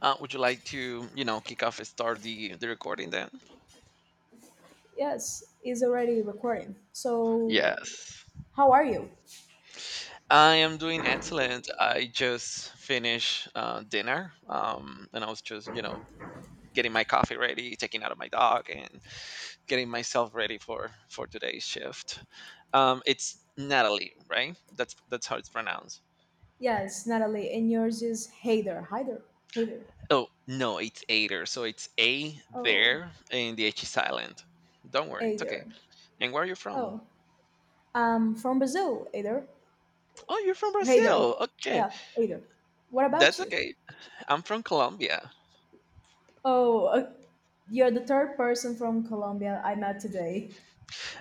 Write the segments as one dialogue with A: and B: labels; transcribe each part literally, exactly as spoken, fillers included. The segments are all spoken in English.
A: Uh, would you like to, you know, kick off and start the, the recording then?
B: Yes, is already recording. So,
A: Yes.
B: how are you?
A: I am doing excellent. I just finished uh, dinner um, and I was just, you know, getting my coffee ready, taking out of my dog and getting myself ready for, for today's shift. Um, it's Natalie, right? That's that's how it's pronounced.
B: Yes, Natalie, and yours is Hader. Hader. Hader.
A: Oh, no, it's Ader. So it's A
B: Oh,
A: there and the H is silent. Don't worry, it's okay.
B: Hader.
A: And where are you from?
B: Oh, I'm from Brazil, Hader.
A: Oh, you're from
B: Hader.
A: Brazil. Okay.
B: Yeah, Hader. What
A: That's
B: about you?
A: okay. I'm from Colombia.
B: Oh, uh, you're the third person from Colombia I met today.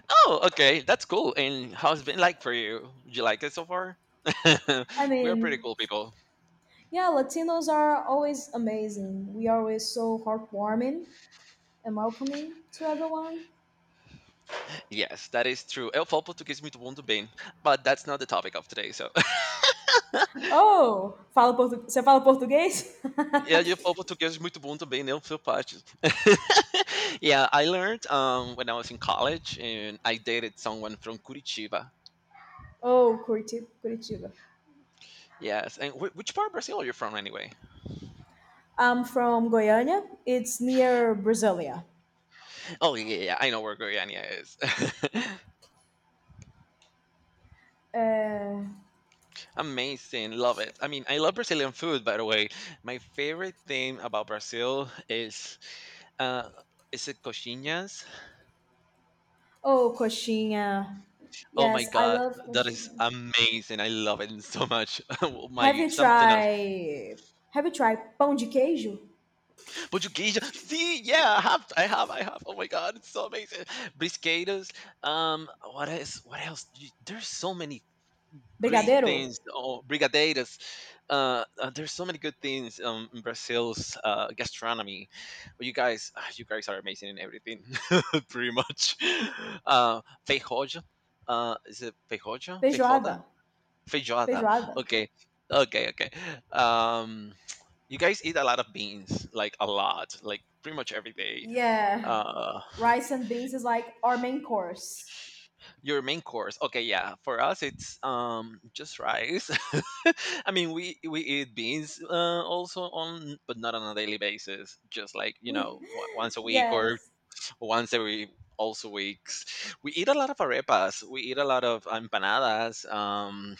A: Oh, okay, that's cool. And how's it been like for you? Do you like it so far?
B: I
A: We are pretty
B: mean,
A: cool people.
B: yeah, Latinos are always amazing. We are always so heartwarming and welcoming to everyone.
A: Yes, that is true. Eu falo português muito bom também, but that's not the topic of today. So,
B: Oh, fala portu... você fala português?
A: yeah, eu falo português muito bom também, eu sou parte. Yeah, I learned um, when I was in college, and I dated someone from Curitiba.
B: Oh, Curiti- Curitiba.
A: Yes, and wh- which part of Brazil are you from anyway?
B: I'm from Goiânia. It's near Brasilia.
A: Oh yeah, yeah, yeah, I know where Goiânia is.
B: Eh,
A: Amazing, love it. I mean, I love Brazilian food, by the way. My favorite thing about Brazil is, uh, is it coxinhas?
B: oh, coxinha.
A: Oh my
B: Yes, I
A: god,
B: love
A: that is
B: coxinha.
A: amazing. I love it so much. Oh
B: Have
A: my
B: you
A: something else,
B: tried... Have you tried pão de queijo?
A: portuguesa. See, yeah, I have, I have, I have. Oh my god, it's so amazing. Brisquetos. Um, what is what else? Y- There's so many great
B: Brigadeiro?
A: things or brigadeiras uh, uh, there's so many good things um, in brazil's uh, gastronomy. But you guys ah, you guys are amazing in everything. Pretty much, uh, feijoada, uh, is it feijoada feijoada
B: Feijoada?
A: feijoada?
B: Feijoada?
A: Okay. Okay okay um, you guys eat a lot of beans, like a lot, like pretty much every day.
B: Yeah.
A: Uh,
B: Rice and beans is like our main course.
A: your main course. Okay, yeah. For us, it's um just rice. I mean, we we eat beans uh, also on, but not on a daily basis. Just, like, you
B: We...
A: know, wa- once a week or
B: Yes.
A: once every also weeks. We eat a lot of arepas. We eat a lot of empanadas. Um,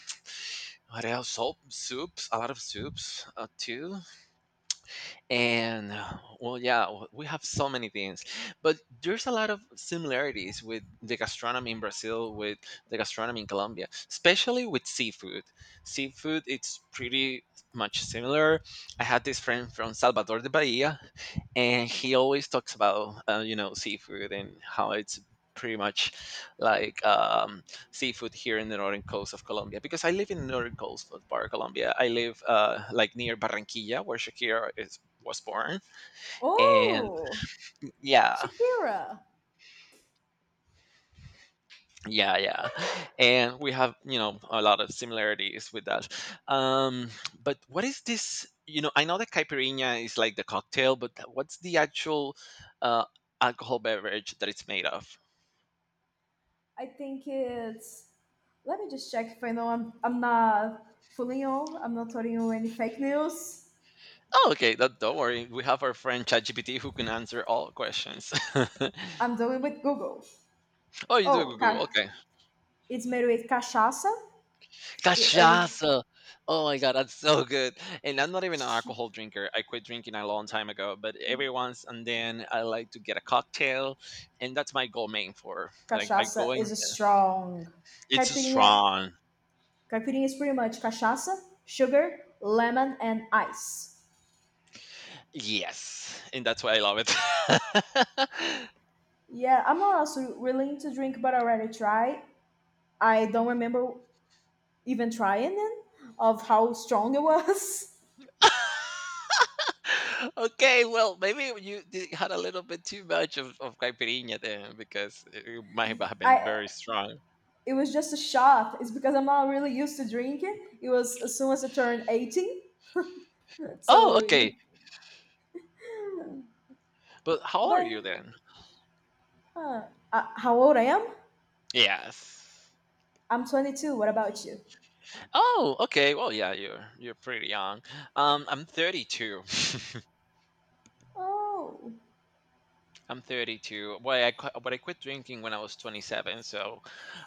A: What else? Soup, soups. A lot of soups uh, too, and uh, well yeah, w- we have so many things, but there's a lot of similarities with the gastronomy in brazil with the gastronomy in colombia, especially with seafood. Seafood, it's pretty much similar. I had this friend from salvador de bahia, and he always talks about uh, you know, seafood and how it's pretty much like um, seafood here in the northern coast of Colombia, because I live in the northern coast of part of Colombia. I live uh, like near Barranquilla where Shakira is, was born. And
B: Oh,
A: yeah,
B: Shakira.
A: yeah, yeah, and we have, you know, a lot of similarities with that. um but what is this, you know, I know that caipirinha is like the cocktail, but what's the actual uh alcohol beverage that it's made of?
B: I think it's. Let me just check if I know I'm, I'm not fooling you. I'm not telling you any fake news.
A: Oh okay, that, don't worry, we have our friend chatgpt who can answer all questions.
B: I'm doing with Google.
A: Oh, you do it
B: Oh,
A: with google.
B: ca-
A: Okay.
B: it's made with cachaça. It- Or
A: Cachaça! Oh my god, that's so good. And I'm not even an alcohol drinker. I quit drinking a long time ago, but every once and then I like to get a cocktail, and that's my goal main for. I, I go
B: cachaça
A: in,
B: is a strong.
A: it's
B: Caipirinha,
A: strong.
B: caipirinha is pretty much cachaça, sugar, lemon, and ice.
A: Yes, and that's why I love it.
B: Yeah, I'm not also willing to drink, but I already tried. I don't remember even trying it of how strong it was.
A: Okay, well, maybe you did, had a little bit too much of, of caipirinha then, because it might have been
B: I
A: very strong.
B: It was just a shot. It's because I'm not really used to drinking. It was as soon as I turned eighteen.
A: Oh,
B: So you,
A: okay. But how old are
B: but
A: you then?
B: huh. Uh, how old I am?
A: Yes.
B: I'm twenty-two. What about you?
A: Oh, okay. Well, yeah, you're you're pretty young. Um, I'm thirty-two.
B: Oh,
A: I'm thirty-two. Boy, I qu- but I quit drinking when I was twenty-seven. So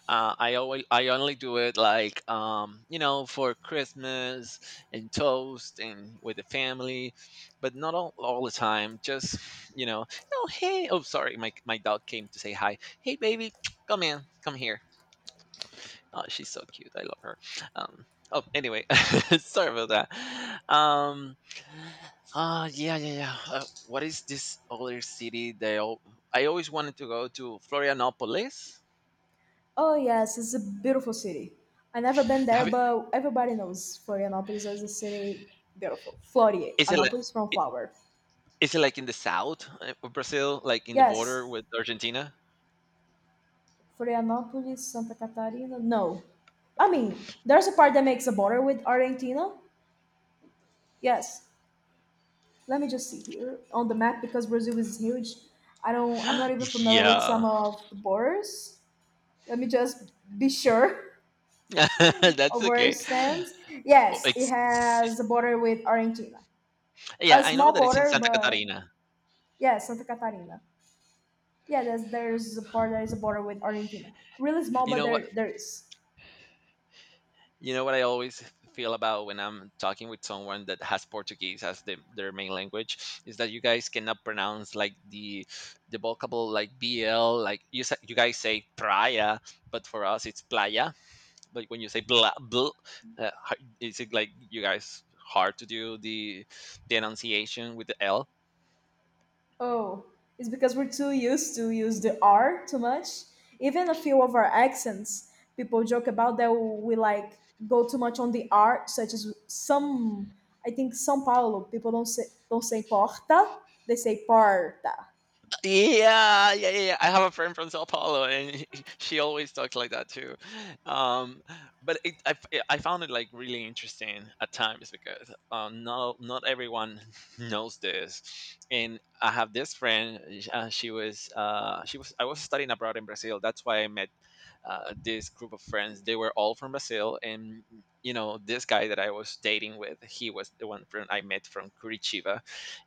A: uh, I always I only do it like um, you know, for Christmas and toast and with the family, but not all, all the time. Just, you know, oh hey, oh sorry, my my dog came to say hi. Hey baby, come in, come here. Oh, she's so cute. I love her. Um, oh, anyway, sorry about that. Um, uh, yeah, yeah, yeah. Uh, what is this other city? They all, I always wanted to go to Florianopolis.
B: oh yes, it's a beautiful city. I never been there,
A: Have it,
B: but everybody knows Florianopolis as a city beautiful.
A: is it like,
B: Florianopolis from
A: i-
B: flower.
A: is it like in the south uh, of Brazil, like in the border
B: Yes,
A: with Argentina?
B: Florianopolis, Santa Catarina. No, I mean there's a part that makes a border with Argentina. Yes, let me just see here on the map because Brazil is huge. I don't. I'm not even familiar with
A: Yeah,
B: some of the borders. Let me just be sure
A: that's
B: of where it
A: okay.
B: stands.
A: Oh,
B: Yes, it
A: it's, it's
B: has a border with Argentina.
A: yeah.
B: A
A: I know
B: small
A: that it's in
B: border,
A: Santa
B: but
A: Catarina.
B: yeah, Santa Catarina. Yeah, there's there's a part that is a border with Argentina. Really small,
A: You
B: but
A: know what?
B: there there is.
A: You know what I always feel about when I'm talking with someone that has Portuguese as the, their main language is that you guys cannot pronounce like the the vocable like B L, like you sa- you guys say praia, but for us it's playa. But when you say blah bl, uh, h- is it like you guys hard to do the the enunciation with the L?
B: Oh, it's because we're too used to use the R too much. Even a few of our accents, people joke about that we like go too much on the R, such as some. I think São Paulo people don't say don't say porta, they say porta.
A: Yeah, yeah, yeah, yeah. I have a friend from Sao Paulo, and he- she always talks like that too. Um, but it, I, f- I found it like really interesting at times, because um, not not everyone knows this. And I have this friend. Sh- Uh, she was uh, she was, I was studying abroad in Brazil. That's why I met uh, this group of friends. They were all from Brazil, and you know this guy that I was dating with, he was the one friend I met from Curitiba,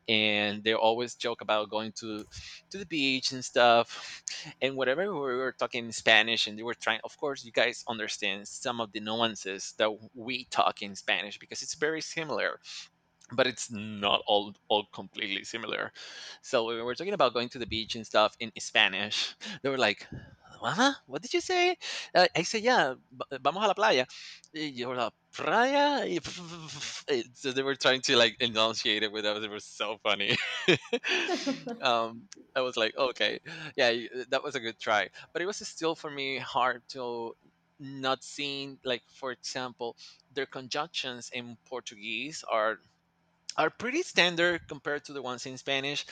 A: and they always joke about going to to the beach and stuff, and whatever. We were talking in spanish and they were trying, of course you guys understand some of the nuances that we talk in spanish because it's very similar, but it's not all all completely similar. So when we were talking about going to the beach and stuff in Spanish, they were like, "Huh? What did you say?" Uh, I said, "Yeah, va- vamos a la playa." Y yo, la playa. Y it- so they were trying to like enunciate it with us. It was so funny. um, I was like, "Okay, yeah, y- uh, that was a good try," but it was still for me hard to not seeing, like for example their conjunctions in portuguese are are pretty standard compared to the ones in Spanish.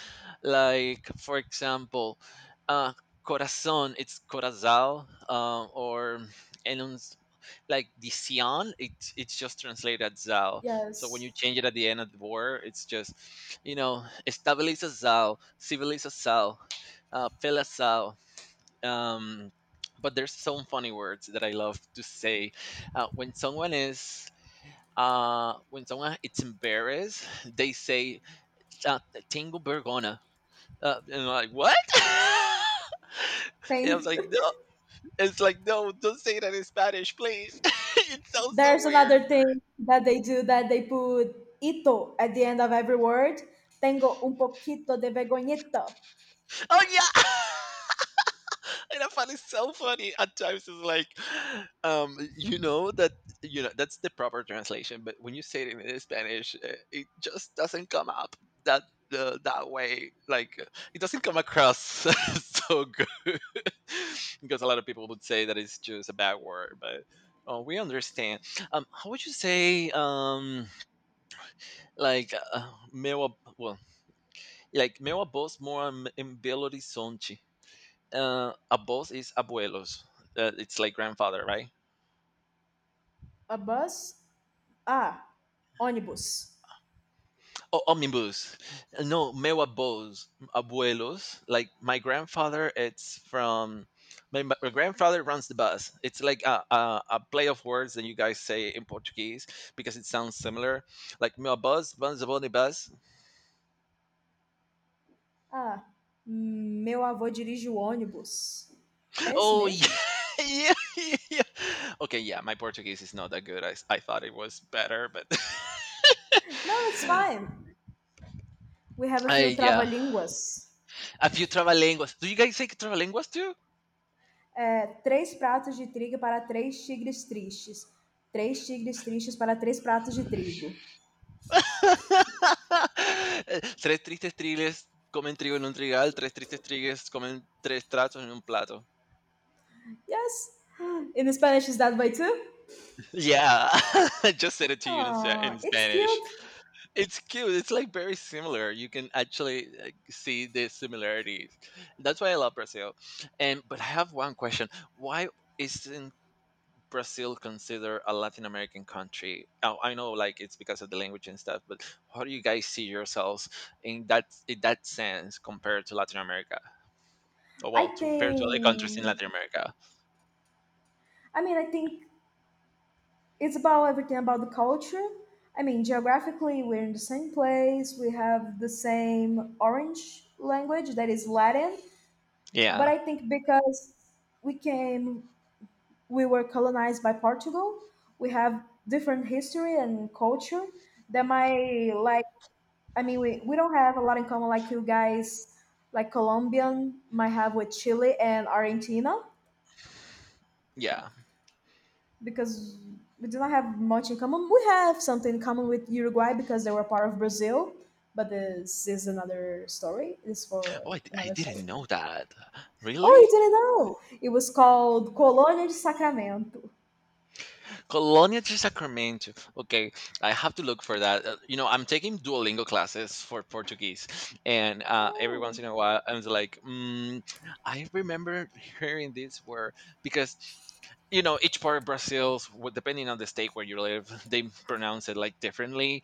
A: Like, for example, uh, corazón, it's corazal, um, or and on s- like the sion, it's it's just translated as zal. So when
B: Yes.
A: you change it at the end of the word, it's just, you know, estabiliza zal, civiliza zal, uh, fela zal. Um, but there's some funny words that I love to say uh, when someone is. Uh, when someone it's embarrassed, they say uh, tengo vergona. Uh, and I'm like, what? And I was
B: Thing.
A: like, no. It's like, no, don't say that in Spanish, please. It sounds so
B: There's
A: weird.
B: another thing that they do that they put ito at the end of every word. Tengo un poquito de vergonheta.
A: Oh, yeah. And I find it so funny at times. It's like, um, you know that, you know that's the proper translation, but when you say it in Spanish, uh, it just doesn't come up that uh, that way. Like uh, it doesn't come across so good. Because a lot of people would say that it's just a bad word, but. Oh, we understand. Um, how would you say, um, like, uh, meu, ab- well, like, meu avós mora em Belo Horizonte? Uh, abuelos is abuelos. Uh, it's like grandfather, right?
B: A bus? Ah, ônibus.
A: Oh, omnibus. Uh, No, meu abuelos, abuelos. Like my grandfather, it's from my, my grandfather runs the bus. It's like a, a, a play of words that you guys say in Portuguese, because it sounds similar. Like meu abuelos runs the bonny bus.
B: Ah, hum, Meu avô dirige o ônibus. É esse
A: Oh yeah.
B: mesmo?
A: Yeah, yeah, yeah. Okay, yeah, my Portuguese is not that good. I, I thought it was better, but
B: No, it's fine. We have a few
A: I yeah.
B: trava-línguas.
A: A few trabalenguas. Do you guys say trabalenguas too?
B: É, três pratos de trigo para três tigres tristes. Três tigres tristes para três pratos de trigo.
A: Eh, Tres tristes tigres comen trigo en un trigal. Tres tristes tigres comen tres tratos en un plato.
B: Yes. In Spanish, is that way too?
A: Yeah, I just said it to you in, Spa-
B: Ah,
A: in
B: it's
A: Spanish.
B: cute.
A: It's cute. It's like very similar. You can actually, like, see the similarities. That's why I love Brazil. And but I have one question. Why is Brazil consider a Latin American country? Oh, I know, like, it's because of the language and stuff, but how do you guys see yourselves in that, in that sense compared to Latin America? Oh,
B: I
A: well, to- compared to other countries in
B: think.
A: Latin America.
B: I mean, I think it's about everything about the culture. I mean, geographically, we're in the same place. We have the same orange language that is Latin, but
A: Yeah,
B: I think because we came, we were colonized by Portugal. We have different history and culture that might like. I mean, we, we don't have a lot in common like you guys, like Colombian might have with Chile and Argentina
A: yeah.
B: because we do not have much in common. We have something in common with Uruguay because they were part of Brazil, but this is another story. It's for
A: Oh, I, I
B: another story.
A: didn't know that.
B: Oh, you
A: Really?
B: didn't know? It was called Colônia de Sacramento.
A: Colonia de Sacramento. Okay, I have to look for that. Uh, you know, I'm taking Duolingo classes for Portuguese, and uh, every
B: Oh,
A: once in a while, I'm just like, mm, I remember hearing this word, because you know each part of Brazil, w- depending on the state where you live, they pronounce it like differently.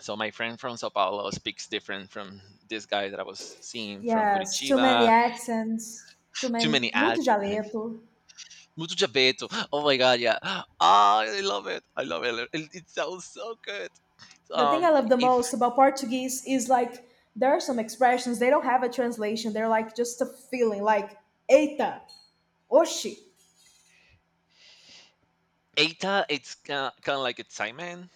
A: So my friend from Sao Paulo speaks different from this guy that I was seeing from
B: yes. Too many
A: Curitiba.
B: accents. Too
A: Too
B: many.
A: many ads.
B: Muito dialeto.
A: Mutu Geppetto. Oh my god, yeah. Ah, I love it. I love it. It, it sounds so good.
B: The thing I
A: Um,
B: love the
A: if
B: most about Portuguese is like there are some expressions they don't have a translation. They're like just a feeling, like eita, oxi,
A: Eta, it's kind of like excitement.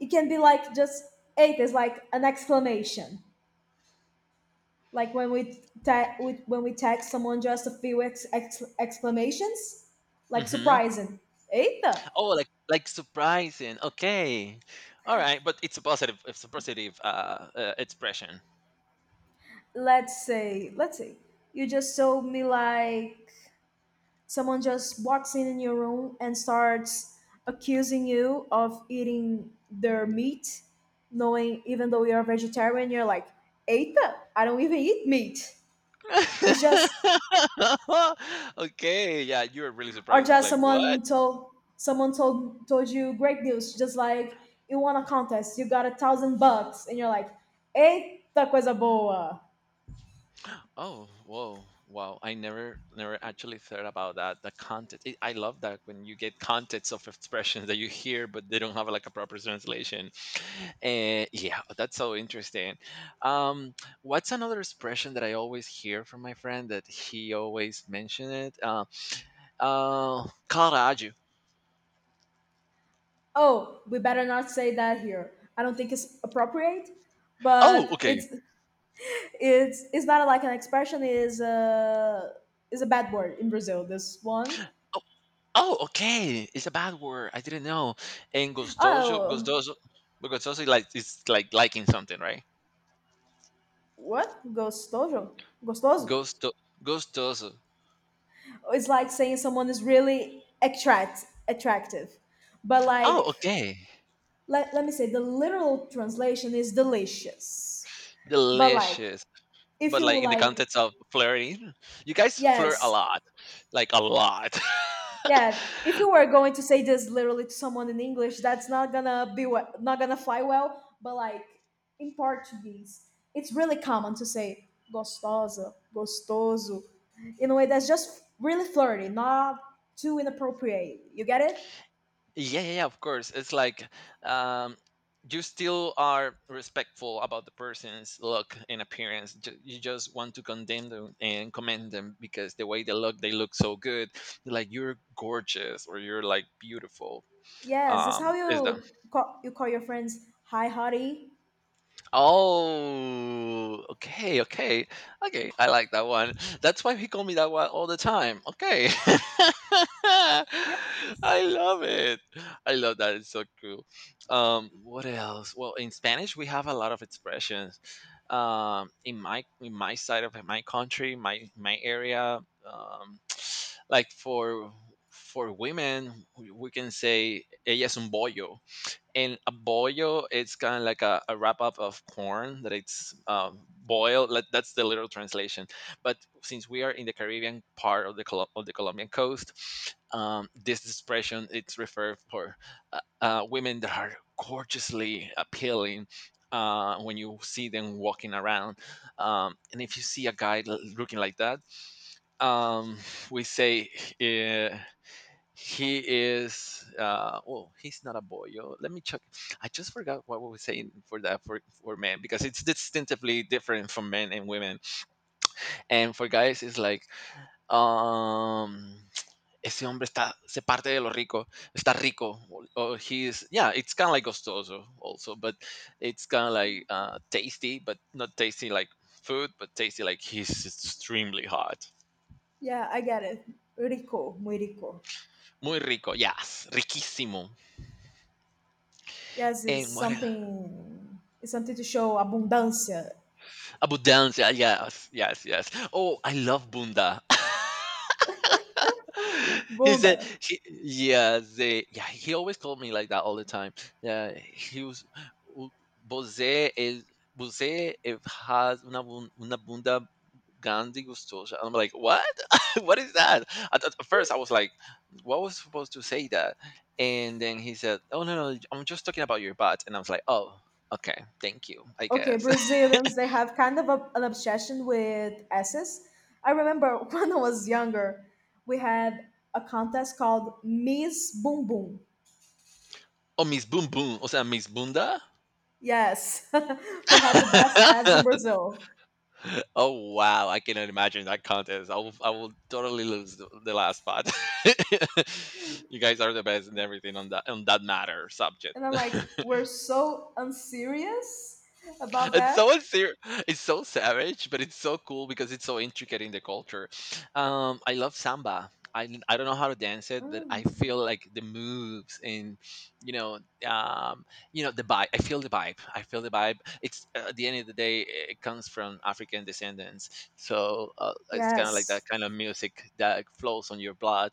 B: it can be like just eight is like an exclamation like when we, ta- we when we text someone just a few ex- ex- exclamations like
A: Mm-hmm.
B: surprising eita.
A: Oh, like like surprising. Okay, all right, but it's a positive. It's a positive uh, uh expression.
B: Let's say let's say you just told me like someone just walks in in your room and starts accusing you of eating their meat, knowing even though you're a vegetarian, you're like eita, I don't even eat meat. It's just,
A: Okay, yeah, you were really
B: or
A: surprised. It's
B: just
A: like what?
B: someone told someone told told you great news just like you won a contest, you got a thousand bucks, and you're like eita coisa boa.
A: Oh, whoa, wow! I never, never actually thought about that. The content it, I love that when you get contents of expressions that you hear, but they don't have like a proper translation. And yeah, that's so interesting. Um, what's another expression that I always hear from my friend that he always mentioned it? Uh, uh, caralho.
B: Oh, we better not say that here. I don't think it's appropriate,
A: Oh,
B: but
A: okay.
B: it's, it's it's not like an expression, is a, is a bad word in Brazil, this one.
A: Oh, oh, okay. It's a bad word. I didn't know. And
B: Oh,
A: gostoso, gostoso, gostoso, is like it's like liking something, right?
B: what gostoso, gostoso
A: Gusto gustoso.
B: it's like saying someone is really attract attractive, but
A: Oh,
B: like,
A: okay.
B: let, let me say the literal translation is delicious, but like,
A: Delicious.
B: if
A: But
B: you
A: like in the
B: like,
A: context of flirting, you guys flirt a
B: yes,
A: lot. Like a lot.
B: yeah, if you were going to say this literally to someone in English, that's not gonna be, we- not gonna fly well, but like, in Portuguese, it's really common to say gostosa, gostoso, in a way that's just really flirty, not too inappropriate, you get it.
A: Yeah, yeah, yeah, of course. It's like um you still are respectful about the person's look and appearance. Ju- You just want to condemn them and commend them because the way they look, they look so good. Like you're gorgeous or you're like beautiful.
B: Yes, it's
A: Um,
B: how
A: is that?
B: you call, you call your friends, hi hottie.
A: Oh, okay, okay, okay. I like that one. That's why he called me that one all the time. Okay,
B: Yes.
A: I love it. I love that. It's so cool. Um, what else? Well, in Spanish we have a lot of expressions. Um, in my in my side of my country, my my area, um, like for for women, we we can say ella es un bollo, and a bollo it's kind of like a, a wrap up of corn that it's um, boiled like, that's the literal translation, but since we are in the Caribbean part of the Col- of the Colombian coast, um, this expression it's referred for uh, uh, women that are gorgeously appealing uh, when you see them walking around, um, and if you see a guy l- looking like that, um, we say, eh, he is uh well, he's not a boyo. Let me check. I just forgot what we were saying for that for for men because it's distinctively different from men and women. And for guys it's like um ese hombre está se parte de lo rico, está rico or, or he yeah, it's kind of like gustoso also, but it's kind of like uh tasty, but not tasty like food, but tasty like he's extremely hot.
B: Yeah, I get it. Rico, muy rico.
A: Muy rico, yes, riquísimo.
B: Yes, it's
A: And what else?
B: something. It's something to show abundância.
A: Abundance, yeah, yes, yes, yes. Oh, I love Bunda.
B: Ah,
A: He said,
B: Bunda.
A: he, yeah, the yeah, he always called me like that all the time. Yeah, he was, "U- você, é- você é- has una, bun- una bunda grande gustosa." I'm like, what? What is that? At, at first, I was like, what was supposed to say that? And then he said, oh, no, no, I'm just talking about your butt. And I was like, oh, okay, thank you, I
B: Okay,
A: guess.
B: Brazilians, they have kind of a, an obsession with S's. I remember when I was younger, we had a contest called Miss Boom Boom.
A: Oh, Miss Boom Boom. O sea, Miss Bunda.
B: Yes, who had the best ads in Brazil.
A: Oh wow, I cannot imagine that contest. I will I will totally lose the, the last spot. You guys are the best in everything on that on that matter subject.
B: And I'm like, we're so unserious about
A: And
B: that.
A: so it's, ser- it's so savage, but it's so cool because it's so intricate in the culture. Um, I love samba. I, I don't know how to dance it, but I
B: Mm.
A: feel like the moves and you know um, you know the vibe. I feel the vibe. I feel the vibe. It's uh, at the end of the day, it comes from African descendants, so uh, it's kind of like that
B: Yes.
A: kind of music that flows on your blood.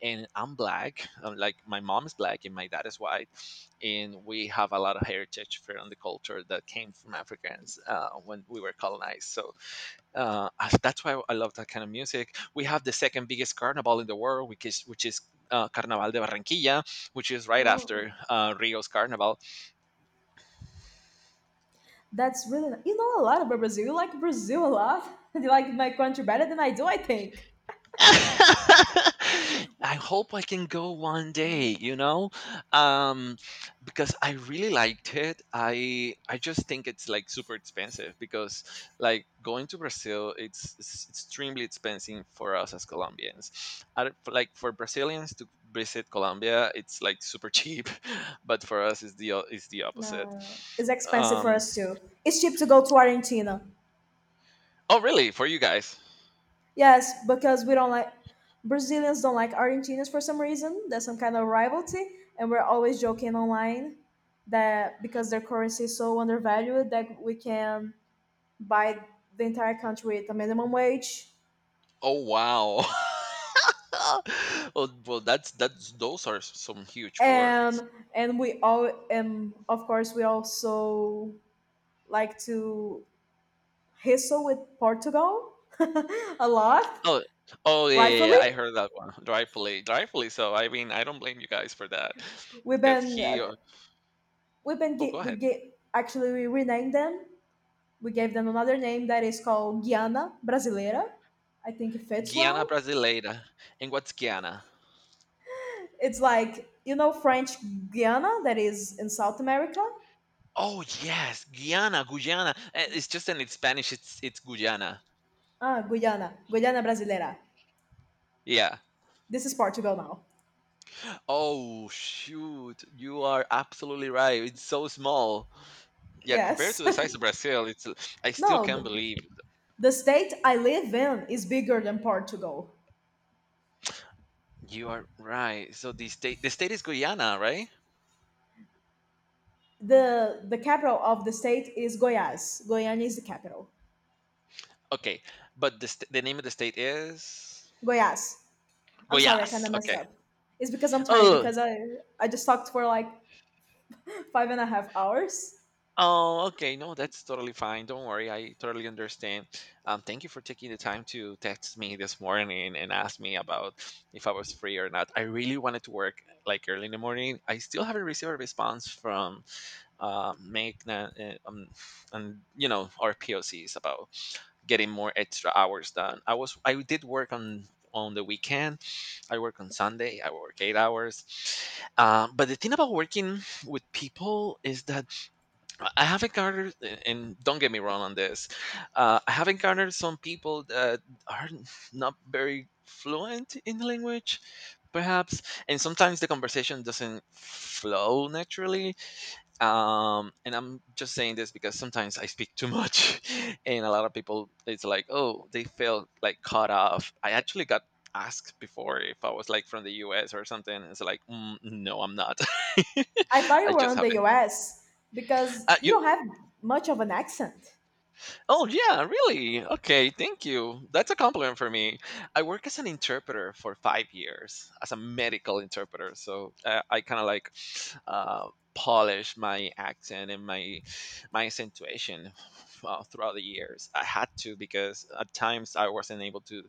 A: And I'm black. i like my mom is black and my dad is white, and we have a lot of heritage from the culture that came from Africans uh, when we were colonized. So uh, that's why I love that kind of music. We have the second biggest carnival in the world, which is which is uh, Carnaval de Barranquilla, which is right
B: Oh,
A: after uh, Rio's Carnival.
B: that's really ni- you know a lot about Brazil. You like Brazil a lot. You like my country better than I do, I think.
A: I hope I can go one day, you know, um, because I really liked it. I I just think it's like super expensive because like going to Brazil, it's, it's extremely expensive for us as Colombians. I don't- for- like for Brazilians to visit Colombia, it's like super cheap, but for us, it's the o- it's the opposite.
B: No, it's expensive for
A: Um,
B: us too. It's cheap to go to Argentina.
A: oh, really? For you guys?
B: Yes, because we don't like, Brazilians don't like Argentinians for some reason. There's some kind of rivalry, and we're always joking online that because their currency is so undervalued that we can buy the entire country with a minimum wage.
A: Oh wow. Well, well, that's that's those are some huge words.
B: And and we all, and of course we also like to Hisso with Portugal a lot,
A: Oh, oh yeah, yeah, yeah,
B: rightfully.
A: I heard that one. Rightfully, rightfully. So I mean, I don't blame you guys for that
B: We've
A: because
B: been uh,
A: he. uh,
B: we've been
A: Oh, go
B: gi- we
A: ahead.
B: get, actually we renamed them. We gave them another name that is called Guiana Brasileira. I think it fits
A: Guiana
B: well.
A: Brasileira. And what's Guiana?
B: It's like you know French Guiana that is in South America.
A: Oh yes, Guyana, Guyana. Eh, it's just in it's Spanish. It's it's Guyana.
B: Ah, Guyana, Guyana Brasileira.
A: Yeah.
B: This is Portugal now.
A: Oh shoot, you are absolutely right. It's so small. Yeah, compared
B: Yes.
A: to the size of Brazil, it's. I still
B: No,
A: can't
B: th-
A: believe.
B: the state I live in is bigger than Portugal.
A: You are right. So the state, the state is Guyana, right?
B: The the capital of the state is Goiás. Goiânia is the capital.
A: Okay, but the st- the name of the state is
B: Goyas. I'm sorry, I kind
A: Goiás.
B: of messed
A: Okay.
B: up. It's because I'm tired
A: Oh,
B: because I I just talked for like five and a half hours.
A: oh, okay. No, that's totally fine. Don't worry. I totally understand. Um, thank you for taking the time to text me this morning and ask me about if I was free or not. I really wanted to work like early in the morning. I still haven't received a response from uh, Magna uh, um, and you know our P O Cs about getting more extra hours done. I was I did work on on the weekend. I work on Sunday. I work eight hours. Um, but the thing about working with people is that I have encountered, and and don't get me wrong on this, uh, I have encountered some people that are not very fluent in the language, perhaps, and sometimes the conversation doesn't flow naturally. Um and I'm just saying this because sometimes I speak too much. And a lot of people it's like, oh, they feel like cut off. I actually got asked before if I was like from the US or something. It's like, mm, no, I'm not.
B: I thought you
A: I
B: were
A: just
B: on the
A: haven't
B: U S because
A: uh,
B: you
A: you
B: don't have much of an accent.
A: Oh yeah, really? Okay, thank you. That's a compliment for me. I work as an interpreter for five years as a medical interpreter, so uh, I kind of like uh, polish my accent and my my accentuation uh, throughout the years. I had to because at times I wasn't able to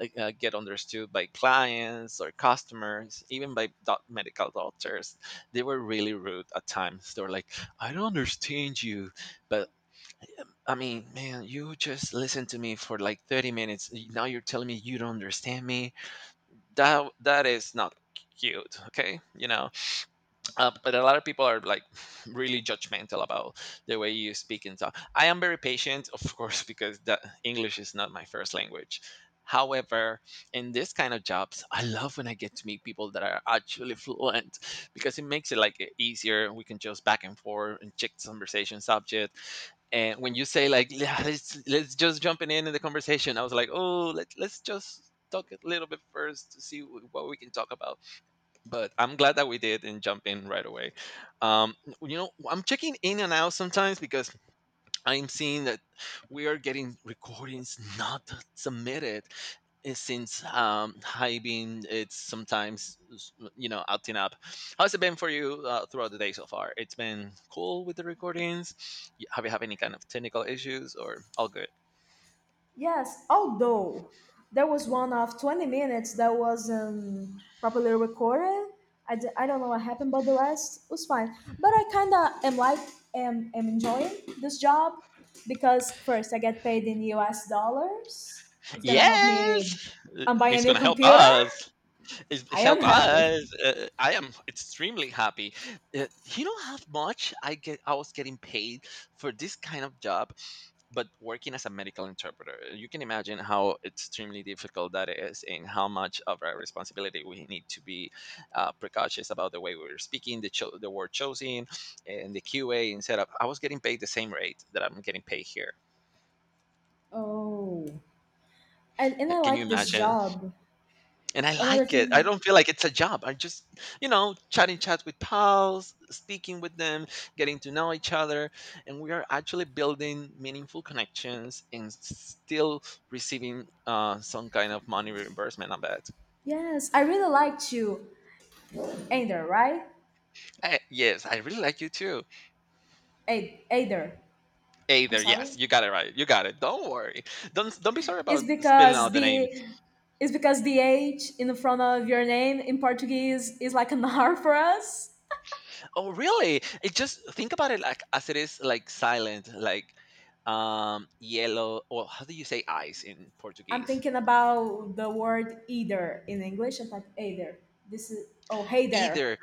A: uh, uh, get understood by clients or customers, even by doc- medical doctors. They were really rude at times. They were like, "I don't understand you," but I mean, man, you just listened to me for like thirty minutes. y- Now you're telling me you don't understand me. That that is not cute, okay? You know uh, but a lot of people are like really judgmental about the way you speak and talk. I am very patient, of course, because the English is not my first language. However, in this kind of jobs, I love when I get to meet people that are actually fluent because it makes it like easier. We can just back and forth and check the conversation subject. And when you say like, "Yeah, let's let's just jumping in in the conversation," I was like, oh, let let's just talk a little bit first to see wh- what we can talk about, but I'm glad that we did and jump in right away. Um, you know, I'm checking in and out sometimes because I'm seeing that we are getting recordings not submitted, eh, since um, hiving it's sometimes s- you know acting up. How's it been for you uh, throughout the day so far? It's been cool with the recordings. Y- have you have any kind of technical issues or all good?
B: Yes, although there was one of twenty minutes that wasn't properly recorded. I, d- I don't know what happened, but the rest was fine. But I kind of am like, am, am enjoying this job because first I get paid in U S dollars. It's going to help me
A: Yes, uh,
B: um, buy a
A: he's
B: new
A: gonna help
B: computer.
A: us. He's
B: I am
A: help
B: happy.
A: us. Uh, I am extremely happy. Uh, you know how much I get? I was getting paid for this kind of job, but working as a medical interpreter. You can imagine how extremely difficult that is, and how much of a responsibility we need to be uh, precautious about the way we are speaking, the cho- the word chosen, and the Q A and setup. I was getting paid the same rate that I'm getting paid here.
B: Oh, and and I
A: Can you
B: like this
A: imagine?
B: job.
A: And I
B: Another
A: like it. I
B: thing,
A: don't feel like it's a job. I just, you know, chatting chat with pals, speaking with them, getting to know each other, and we are actually building meaningful connections and still receiving uh, some kind of money reimbursement on that.
B: yes, I really liked you, Ader, right?
A: Eh, yes, I really like you too.
B: A- Ader, I'm
A: Either, yes,
B: sorry.
A: you got it right. You got it. Don't worry. Don't don't be sorry
B: is
A: about spelling
B: because
A: out the name.
B: the is because the H in front of your name in Portuguese is like an R for us.
A: Oh, really? It just think about it like as it is like silent, like um yellow or how do you say eyes in
B: I'm
A: Portuguese?
B: thinking about the word either in English. I thought either. This is oh hey there.
A: Either.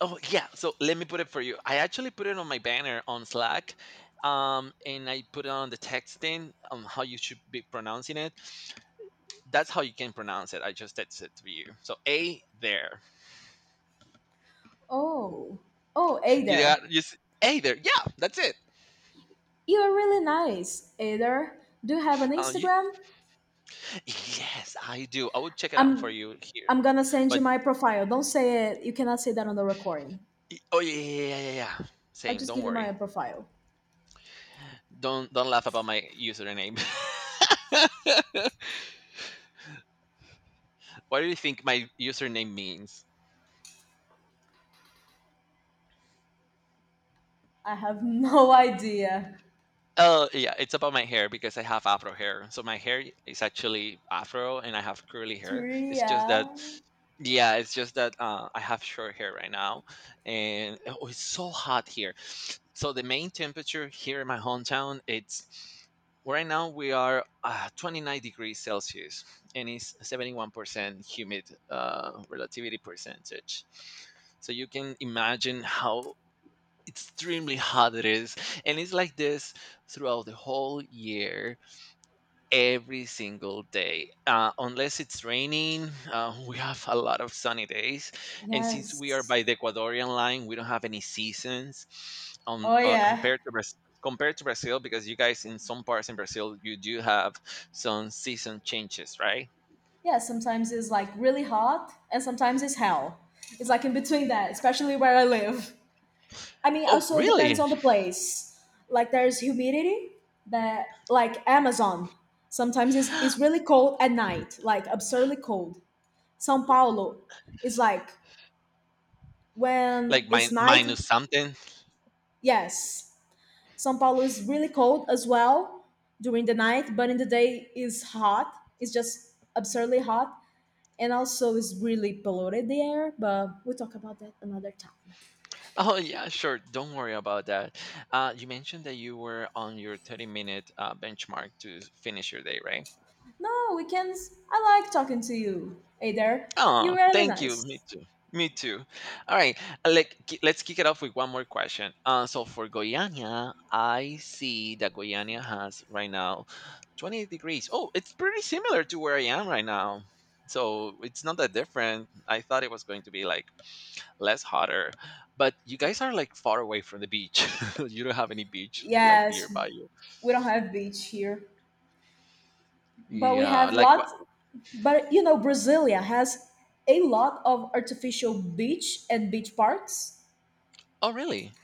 A: Oh, yeah. So let me put it for you. I actually put it on my banner on Slack, um, and I put it on the texting on how you should be pronouncing it. That's how you can pronounce it. I just texted it to you. So a there.
B: Oh oh hey
A: You
B: there.
A: got you. s- A there. Yeah, that's it.
B: You are really nice, Either. Do you have an
A: Um, you,
B: Instagram?
A: yes, I do. I will check it out for
B: I'm
A: you here.
B: I'm gonna send you
A: But
B: my profile. Don't say it. You cannot say that on the recording.
A: oh yeah, yeah, yeah, yeah, yeah.
B: I'll
A: Same.
B: just
A: Don't
B: give you
A: worry.
B: my profile.
A: Don't don't laugh about my username. What do you think my username means?
B: I have no idea.
A: Oh, yeah, it's about my hair because I have afro hair. So my hair is actually afro and I have curly hair. It's
B: Tria.
A: just that yeah, it's just that uh, I have short hair right now, and oh, it's so hot here. So the main temperature here in my hometown, it's right now we are uh, twenty-nine degrees Celsius, and it's seventy-one percent humid, uh, relativity percentage. So you can imagine how extremely hot it is, and it's like this throughout the whole year, every single day, uh, unless it's raining, uh, we have a lot of sunny days. And since we are
B: Yes.
A: by the Ecuadorian line, we don't have any seasons, um,
B: Oh
A: uh,
B: yeah.
A: compared to Brazil. Compared to Brazil, because you guys in some parts in Brazil, you do have some season changes, right?
B: Yeah, sometimes it's like really hot and sometimes it's hell. It's like in between that, especially where I live. I mean,
A: Oh
B: also it depends
A: really?
B: on the place. Like there's humidity that like Amazon. Sometimes it's, it's really cold at night, like absurdly cold. São Paulo is like when
A: Like
B: it's
A: min-
B: night,
A: minus something.
B: yes. São Paulo is really cold as well during the night, but in the day is hot. It's just absurdly hot. And also it's really polluted the air, but we'll talk about that another time.
A: Oh yeah, sure. Don't worry about that. Uh, you mentioned that you were on your thirty-minute uh, benchmark to finish your day, right?
B: No, we can. I like talking to you, hey there. You're
A: Oh,
B: really
A: thank you. Me
B: nice.
A: too. Me too. All right, uh, like ki- let's kick it off with one more question. Uh, so for Goiânia, I see that Goiânia has right now twenty-eight degrees. Oh, it's pretty similar to where I am right now. So it's not that different. I thought it was going to be like less hotter. But you guys are like far away from the beach. You don't have any beach like
B: Yes,
A: nearby you.
B: we don't have beach here, but we
A: Yeah,
B: have
A: like what?
B: lot. But you know Brasilia has a lot of artificial beach and beach parks.
A: Oh, really?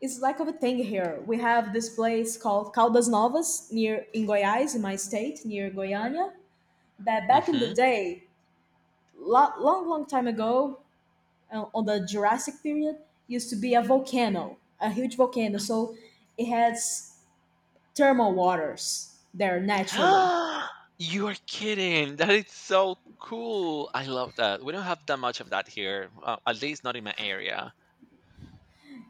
B: It's like of a thing here. We have this place called Caldas Novas near in Goiás, in my state near Goiânia, that back in the
A: Mm-hmm.
B: day, lot, long long time ago, uh, on the Jurassic period used to be a volcano, a huge volcano. So it has thermal waters there naturally.
A: You are kidding. That is so cool. I love that. We don't have that much of that here, uh, at least not in my area.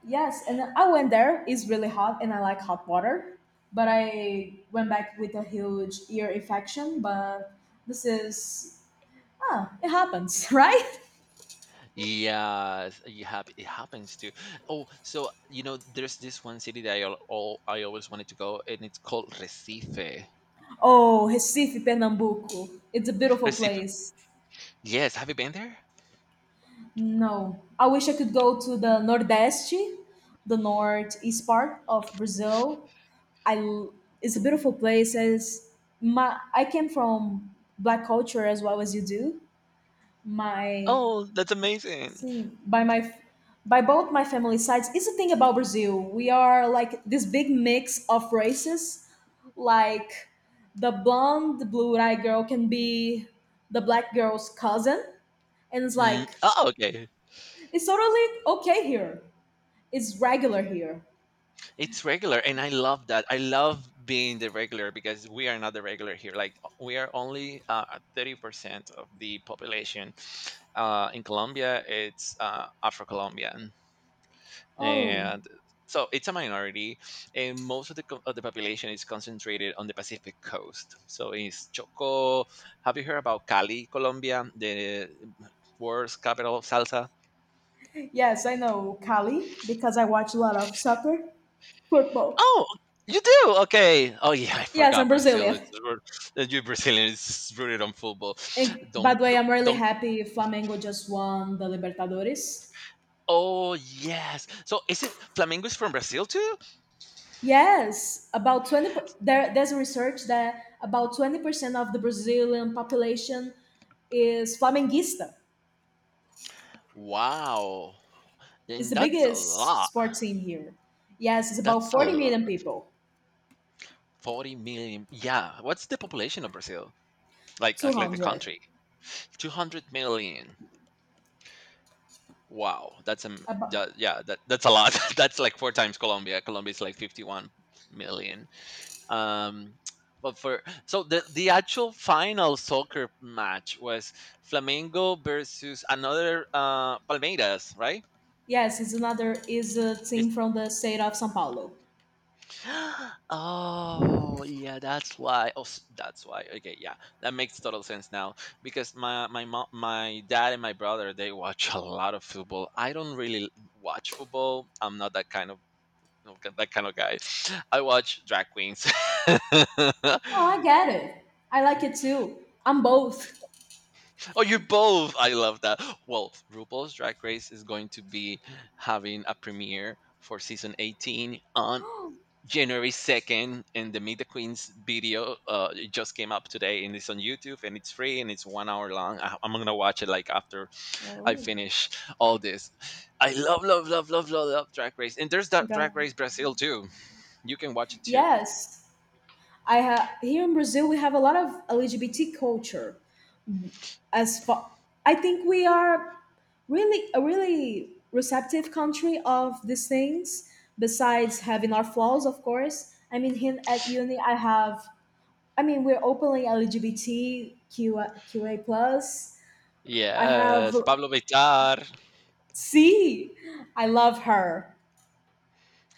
B: Yes, and I went there. It's really hot, and I like hot water. But I went back with a huge ear infection. But this is, ah, it happens, right?
A: Yes, you have, it happens too. Oh, so you know, there's this one city that I al- all I always wanted to go, and it's called Recife.
B: Oh, Recife, Pernambuco. It's a beautiful
A: Recife.
B: place.
A: Yes, have you been there?
B: No, I wish I could go to the Nordeste, the northeast part of Brazil. I l- it's a beautiful place. As my I came from black culture as well as you do. My
A: Oh, that's amazing.
B: see, by my by both my family sides is the thing about Brazil. We are like this big mix of races. Like the blonde, blue-eyed girl can be the black girl's cousin, and it's
A: Mm.
B: like
A: Oh, okay.
B: it's totally okay here. It's regular here.
A: It's regular, and I love that. I love being the regular because we are not the regular here. Like we are only uh thirty percent of the population. Uh, in Colombia, it's uh, Afro-Colombian,
B: Oh
A: and so it's a minority, and most of the co- of the population is concentrated on the Pacific coast. So it's Choco. Have you heard about Cali, Colombia, the world's capital of salsa?
B: yes, I know Cali because I watch a lot of soccer. Football.
A: Oh, you do? Okay. Oh yeah, I
B: Yes,
A: forgot
B: I'm
A: Brazil.
B: Brazilian.
A: It's ru- that you Brazilian is rooted on football.
B: And by
A: Don't
B: the way,
A: don't.
B: I'm really
A: don't-
B: happy Flamengo just won the Libertadores.
A: Oh yes. So is it Flamengo is from Brazil too?
B: Yes, about twenty per- there, there's a research that about twenty percent of the Brazilian population is Flamenguista.
A: Wow.
B: It's
A: And
B: the
A: that's a
B: biggest
A: lot.
B: sports team here. Yes, it's about
A: That's a
B: forty million
A: lot.
B: people.
A: forty million. Yeah. What's the population of Brazil? Like like like the
B: two hundred.
A: country? two hundred million. Wow. That's a
B: About,
A: Yeah, yeah that, that's a lot. That's like four times Colombia. Colombia is like fifty-one million. Um but for so the the actual final soccer match was Flamengo versus another uh Palmeiras, right?
B: yes, it's another is a
A: It's
B: team from the state of São Paulo.
A: Oh yeah, that's why. Oh, s- that's why. Okay, yeah, that makes total sense now because my my mom, my dad, and my brother, they watch a lot of football. I don't really watch football. I'm not that kind of that kind of guy. I watch drag queens.
B: Oh, I get it. I like it too. I'm both.
A: Oh, you both! I love that. Well, RuPaul's Drag Race is going to be having a premiere for season eighteen on January second, and the Meet the Queens video uh, it just came up today, and it's on YouTube, and it's free, and it's one hour long. I, I'm gonna watch it like after I
B: Oh,
A: finish all this. I love, love, love, love, love, love Drag Race, and there's that
B: go.
A: Drag Race Brazil too. You can watch it too.
B: Yes, I have here in Brazil. We have a lot of L G B T culture. As far, I think we are really a really receptive country of these things. Besides having our flaws, of course. I mean, here at uni, I have. I mean, we're openly LGBTQA plus. I have
A: Yes, Pablo Vitar.
B: C. I love her.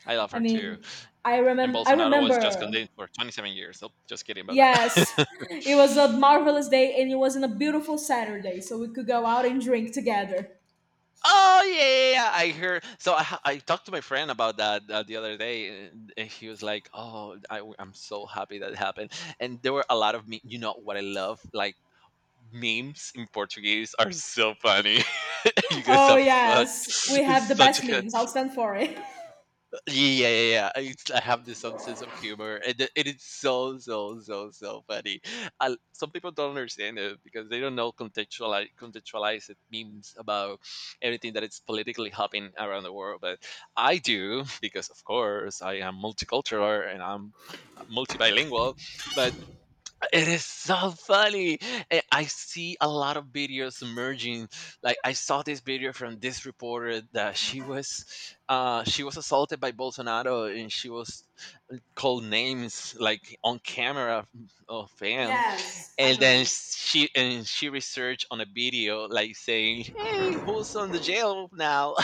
A: I love
B: I
A: her too.
B: mean, I
A: And
B: remember. I
A: Bolsonaro was just
B: remember.
A: condemned for twenty-seven years. Nope, just kidding about
B: Yes,
A: that.
B: it was a marvelous day and it was on a beautiful Saturday, so we could go out and drink together.
A: Oh yeah, yeah, yeah, I heard. So I, ha- I talked to my friend about that uh, the other day, and he was like, "Oh, I, am so happy that happened." And there were a lot of me. You know what I love? Like memes in Portuguese are so funny. You guys
B: Oh,
A: have such
B: yes, we have the
A: such.
B: best memes. I'll stand for it.
A: Yeah, yeah, yeah. I, it's- I have this some sense of humor, and it, it is so, so, so, so funny. I, some people don't understand it because they don't know contextualize contextualize it means about everything that is politically happening around the world. But I do because, of course, I am multicultural and I'm multibilingual. But it is so funny. Eh, I see a lot of videos emerging. Like I saw this video from this reporter that she was uh she was assaulted by Bolsonaro, and she was called names like on camera of him.
B: Yes, I
A: And then
B: know.
A: she and she researched on a video like saying, "Hey, who's on the jail now?"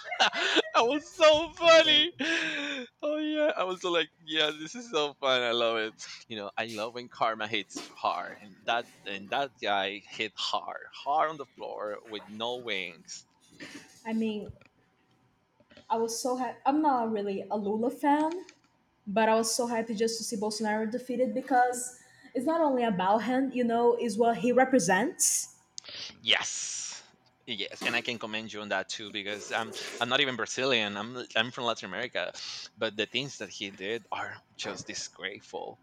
A: That was so funny. Oh yeah, I was so like, yeah, this is so fun. I love it. You know, I love when karma hits hard, and that and that guy hit hard, hard on the floor with no wings.
B: I mean, I was so happy. I'm not really a Lula fan, but I was so happy just to see Bolsonaro defeated because it's not only about him, you know, is what he represents.
A: Yes. Yes, and I can commend you on that too because I'm I'm not even Brazilian. I'm I'm from Latin America, but the things that he did are just disgraceful,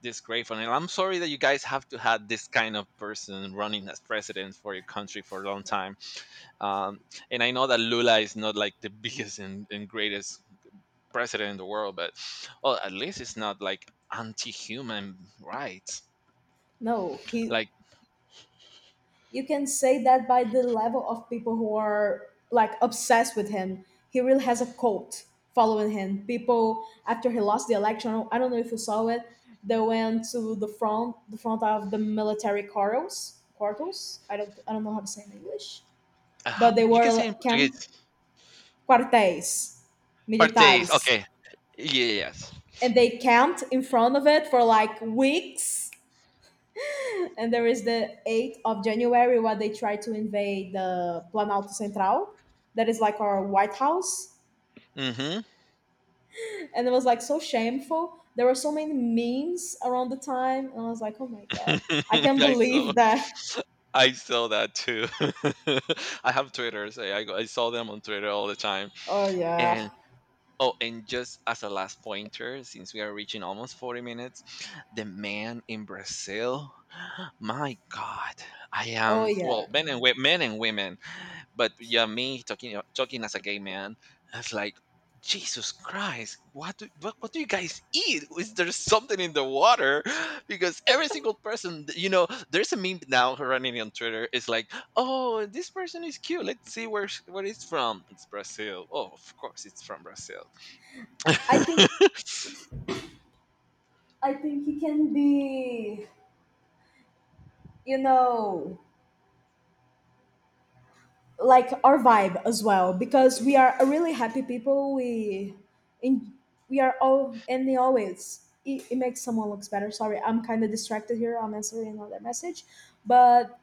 A: disgraceful. And I'm sorry that you guys have to have this kind of person running as president for your country for a long time. Um, and I know that Lula is not like the biggest and, and greatest president in the world, but well, at least it's not like anti-human rights.
B: No, he
A: Like
B: you can say that by the level of people who are like obsessed with him. He really has a cult following him. People after he lost the election, I don't know if you saw it, they went to the front, the front of the military quarters, quarters. I don't, I don't know how to say in English,
A: uh, how-
B: but they
A: you can
B: were
A: say in
B: camp
A: Portuguese,
B: quartéis,
A: partes.
B: militares,
A: Okay, yes.
B: and they camped in front of it for like weeks. And there is the eighth of January where they try to invade the Planalto Central, that is like our White House.
A: Hmm.
B: And it was like so shameful. There were so many memes around the time, and I was like, oh my god, I can't
A: I saw.
B: believe that.
A: I saw that too. I have Twitter, so yeah, I, go, I saw them on Twitter all the time,
B: Oh yeah,
A: and oh, and just as a last pointer, since we are reaching almost forty minutes, the man in Brazil, my God, I
B: oh
A: am,
B: yeah.
A: well, men and, wo- men and women, but yeah, me talking, talking as a gay man, it's like, Jesus Christ, what do, what, what do you guys eat? Is there something in the water? Because every single person, you know, there's a meme now running on Twitter. It's like, oh, this person is cute. Let's see where, sh- where it's from. It's Brazil. Oh, of course, it's from Brazil.
B: I think I think he can be, you know, like our vibe as well because we are a really happy people we in we are all, and they always it, it makes someone looks better. Sorry, I'm kind of distracted here, I'm answering another message, but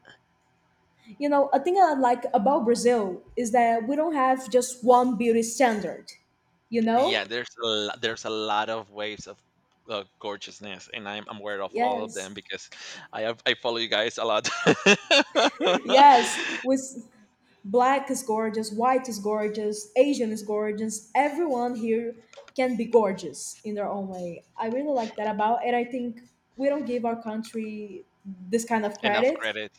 B: you know a thing I like about Brazil is that we don't have just one beauty standard, you know.
A: Yeah, there's a lo- there's a lot of waves of uh, gorgeousness, and I'm I'm aware of all of
B: Yes.
A: them because I have, I follow you guys a lot.
B: yes With. Black is gorgeous, white is gorgeous, Asian is gorgeous. Everyone here can be gorgeous in their own way. I really like that about it. I think we don't give our country this kind of
A: Enough
B: credit.
A: credit.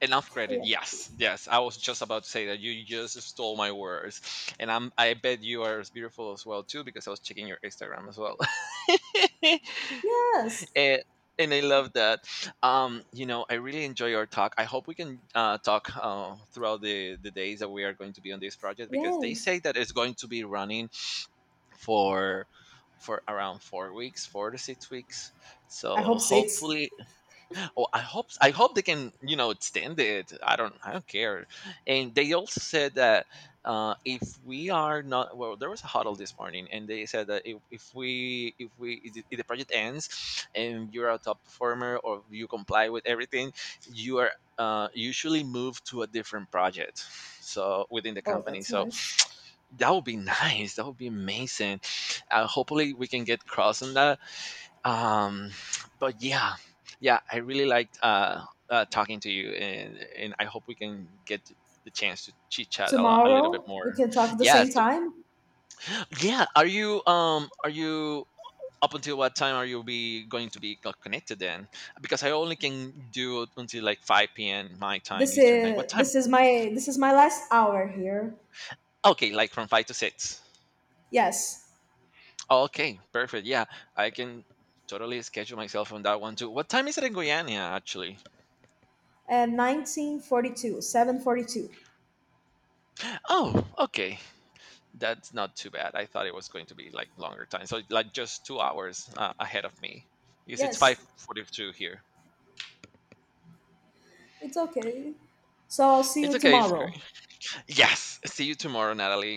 A: Enough credit.
B: Yeah.
A: Yes, yes. I was just about to say that you just stole my words, and I'm I bet you are as beautiful as well too because I was checking your Instagram as well.
B: Yes.
A: and and I love that. Um, you know, I really enjoy our talk. I hope we can uh, talk uh, throughout the the days that we are going to be on this project because they
B: Yes.
A: say that it's going to be running for for around four weeks, four to six weeks.
B: I
A: So
B: hope six.
A: hopefully, oh, I hope I hope they can you know extend it. I don't I don't care. And they also said that uh, if we are not, well, there was a huddle this morning, and they said that if, if we if we if the if the project ends and you're a top performer or you comply with everything, you are uh, usually moved to a different project. So within the
B: Oh,
A: company,
B: that's
A: so.
B: nice.
A: That would be nice. That would be amazing. Uh, hopefully, we can get cross on that, um, but yeah, yeah, I really liked uh, uh, talking to you, and and I hope we can get the chance to chit chat a, lo- a little bit
B: Tomorrow
A: more.
B: we can talk at the
A: Yeah.
B: same
A: So
B: time.
A: yeah, are you um are you up until what time are you be going to be co- connected then? Because I only can do until like five p m my time,
B: This
A: Eastern time. What
B: is
A: time?
B: this is my this is my last hour here.
A: Okay, like from five to six.
B: Yes.
A: Okay, perfect. Yeah, I can totally schedule myself on that one too. What time is it in Guyana actually?
B: And nineteen forty-two, seven forty-two.
A: Oh, okay. That's not too bad. I thought it was going to be like longer time. So like just two hours uh, ahead of me. Because it's
B: Yes.
A: five forty-two here.
B: It's okay. So I'll see
A: It's
B: you
A: okay. It's great.
B: tomorrow.
A: Yes. See you tomorrow, Natalie.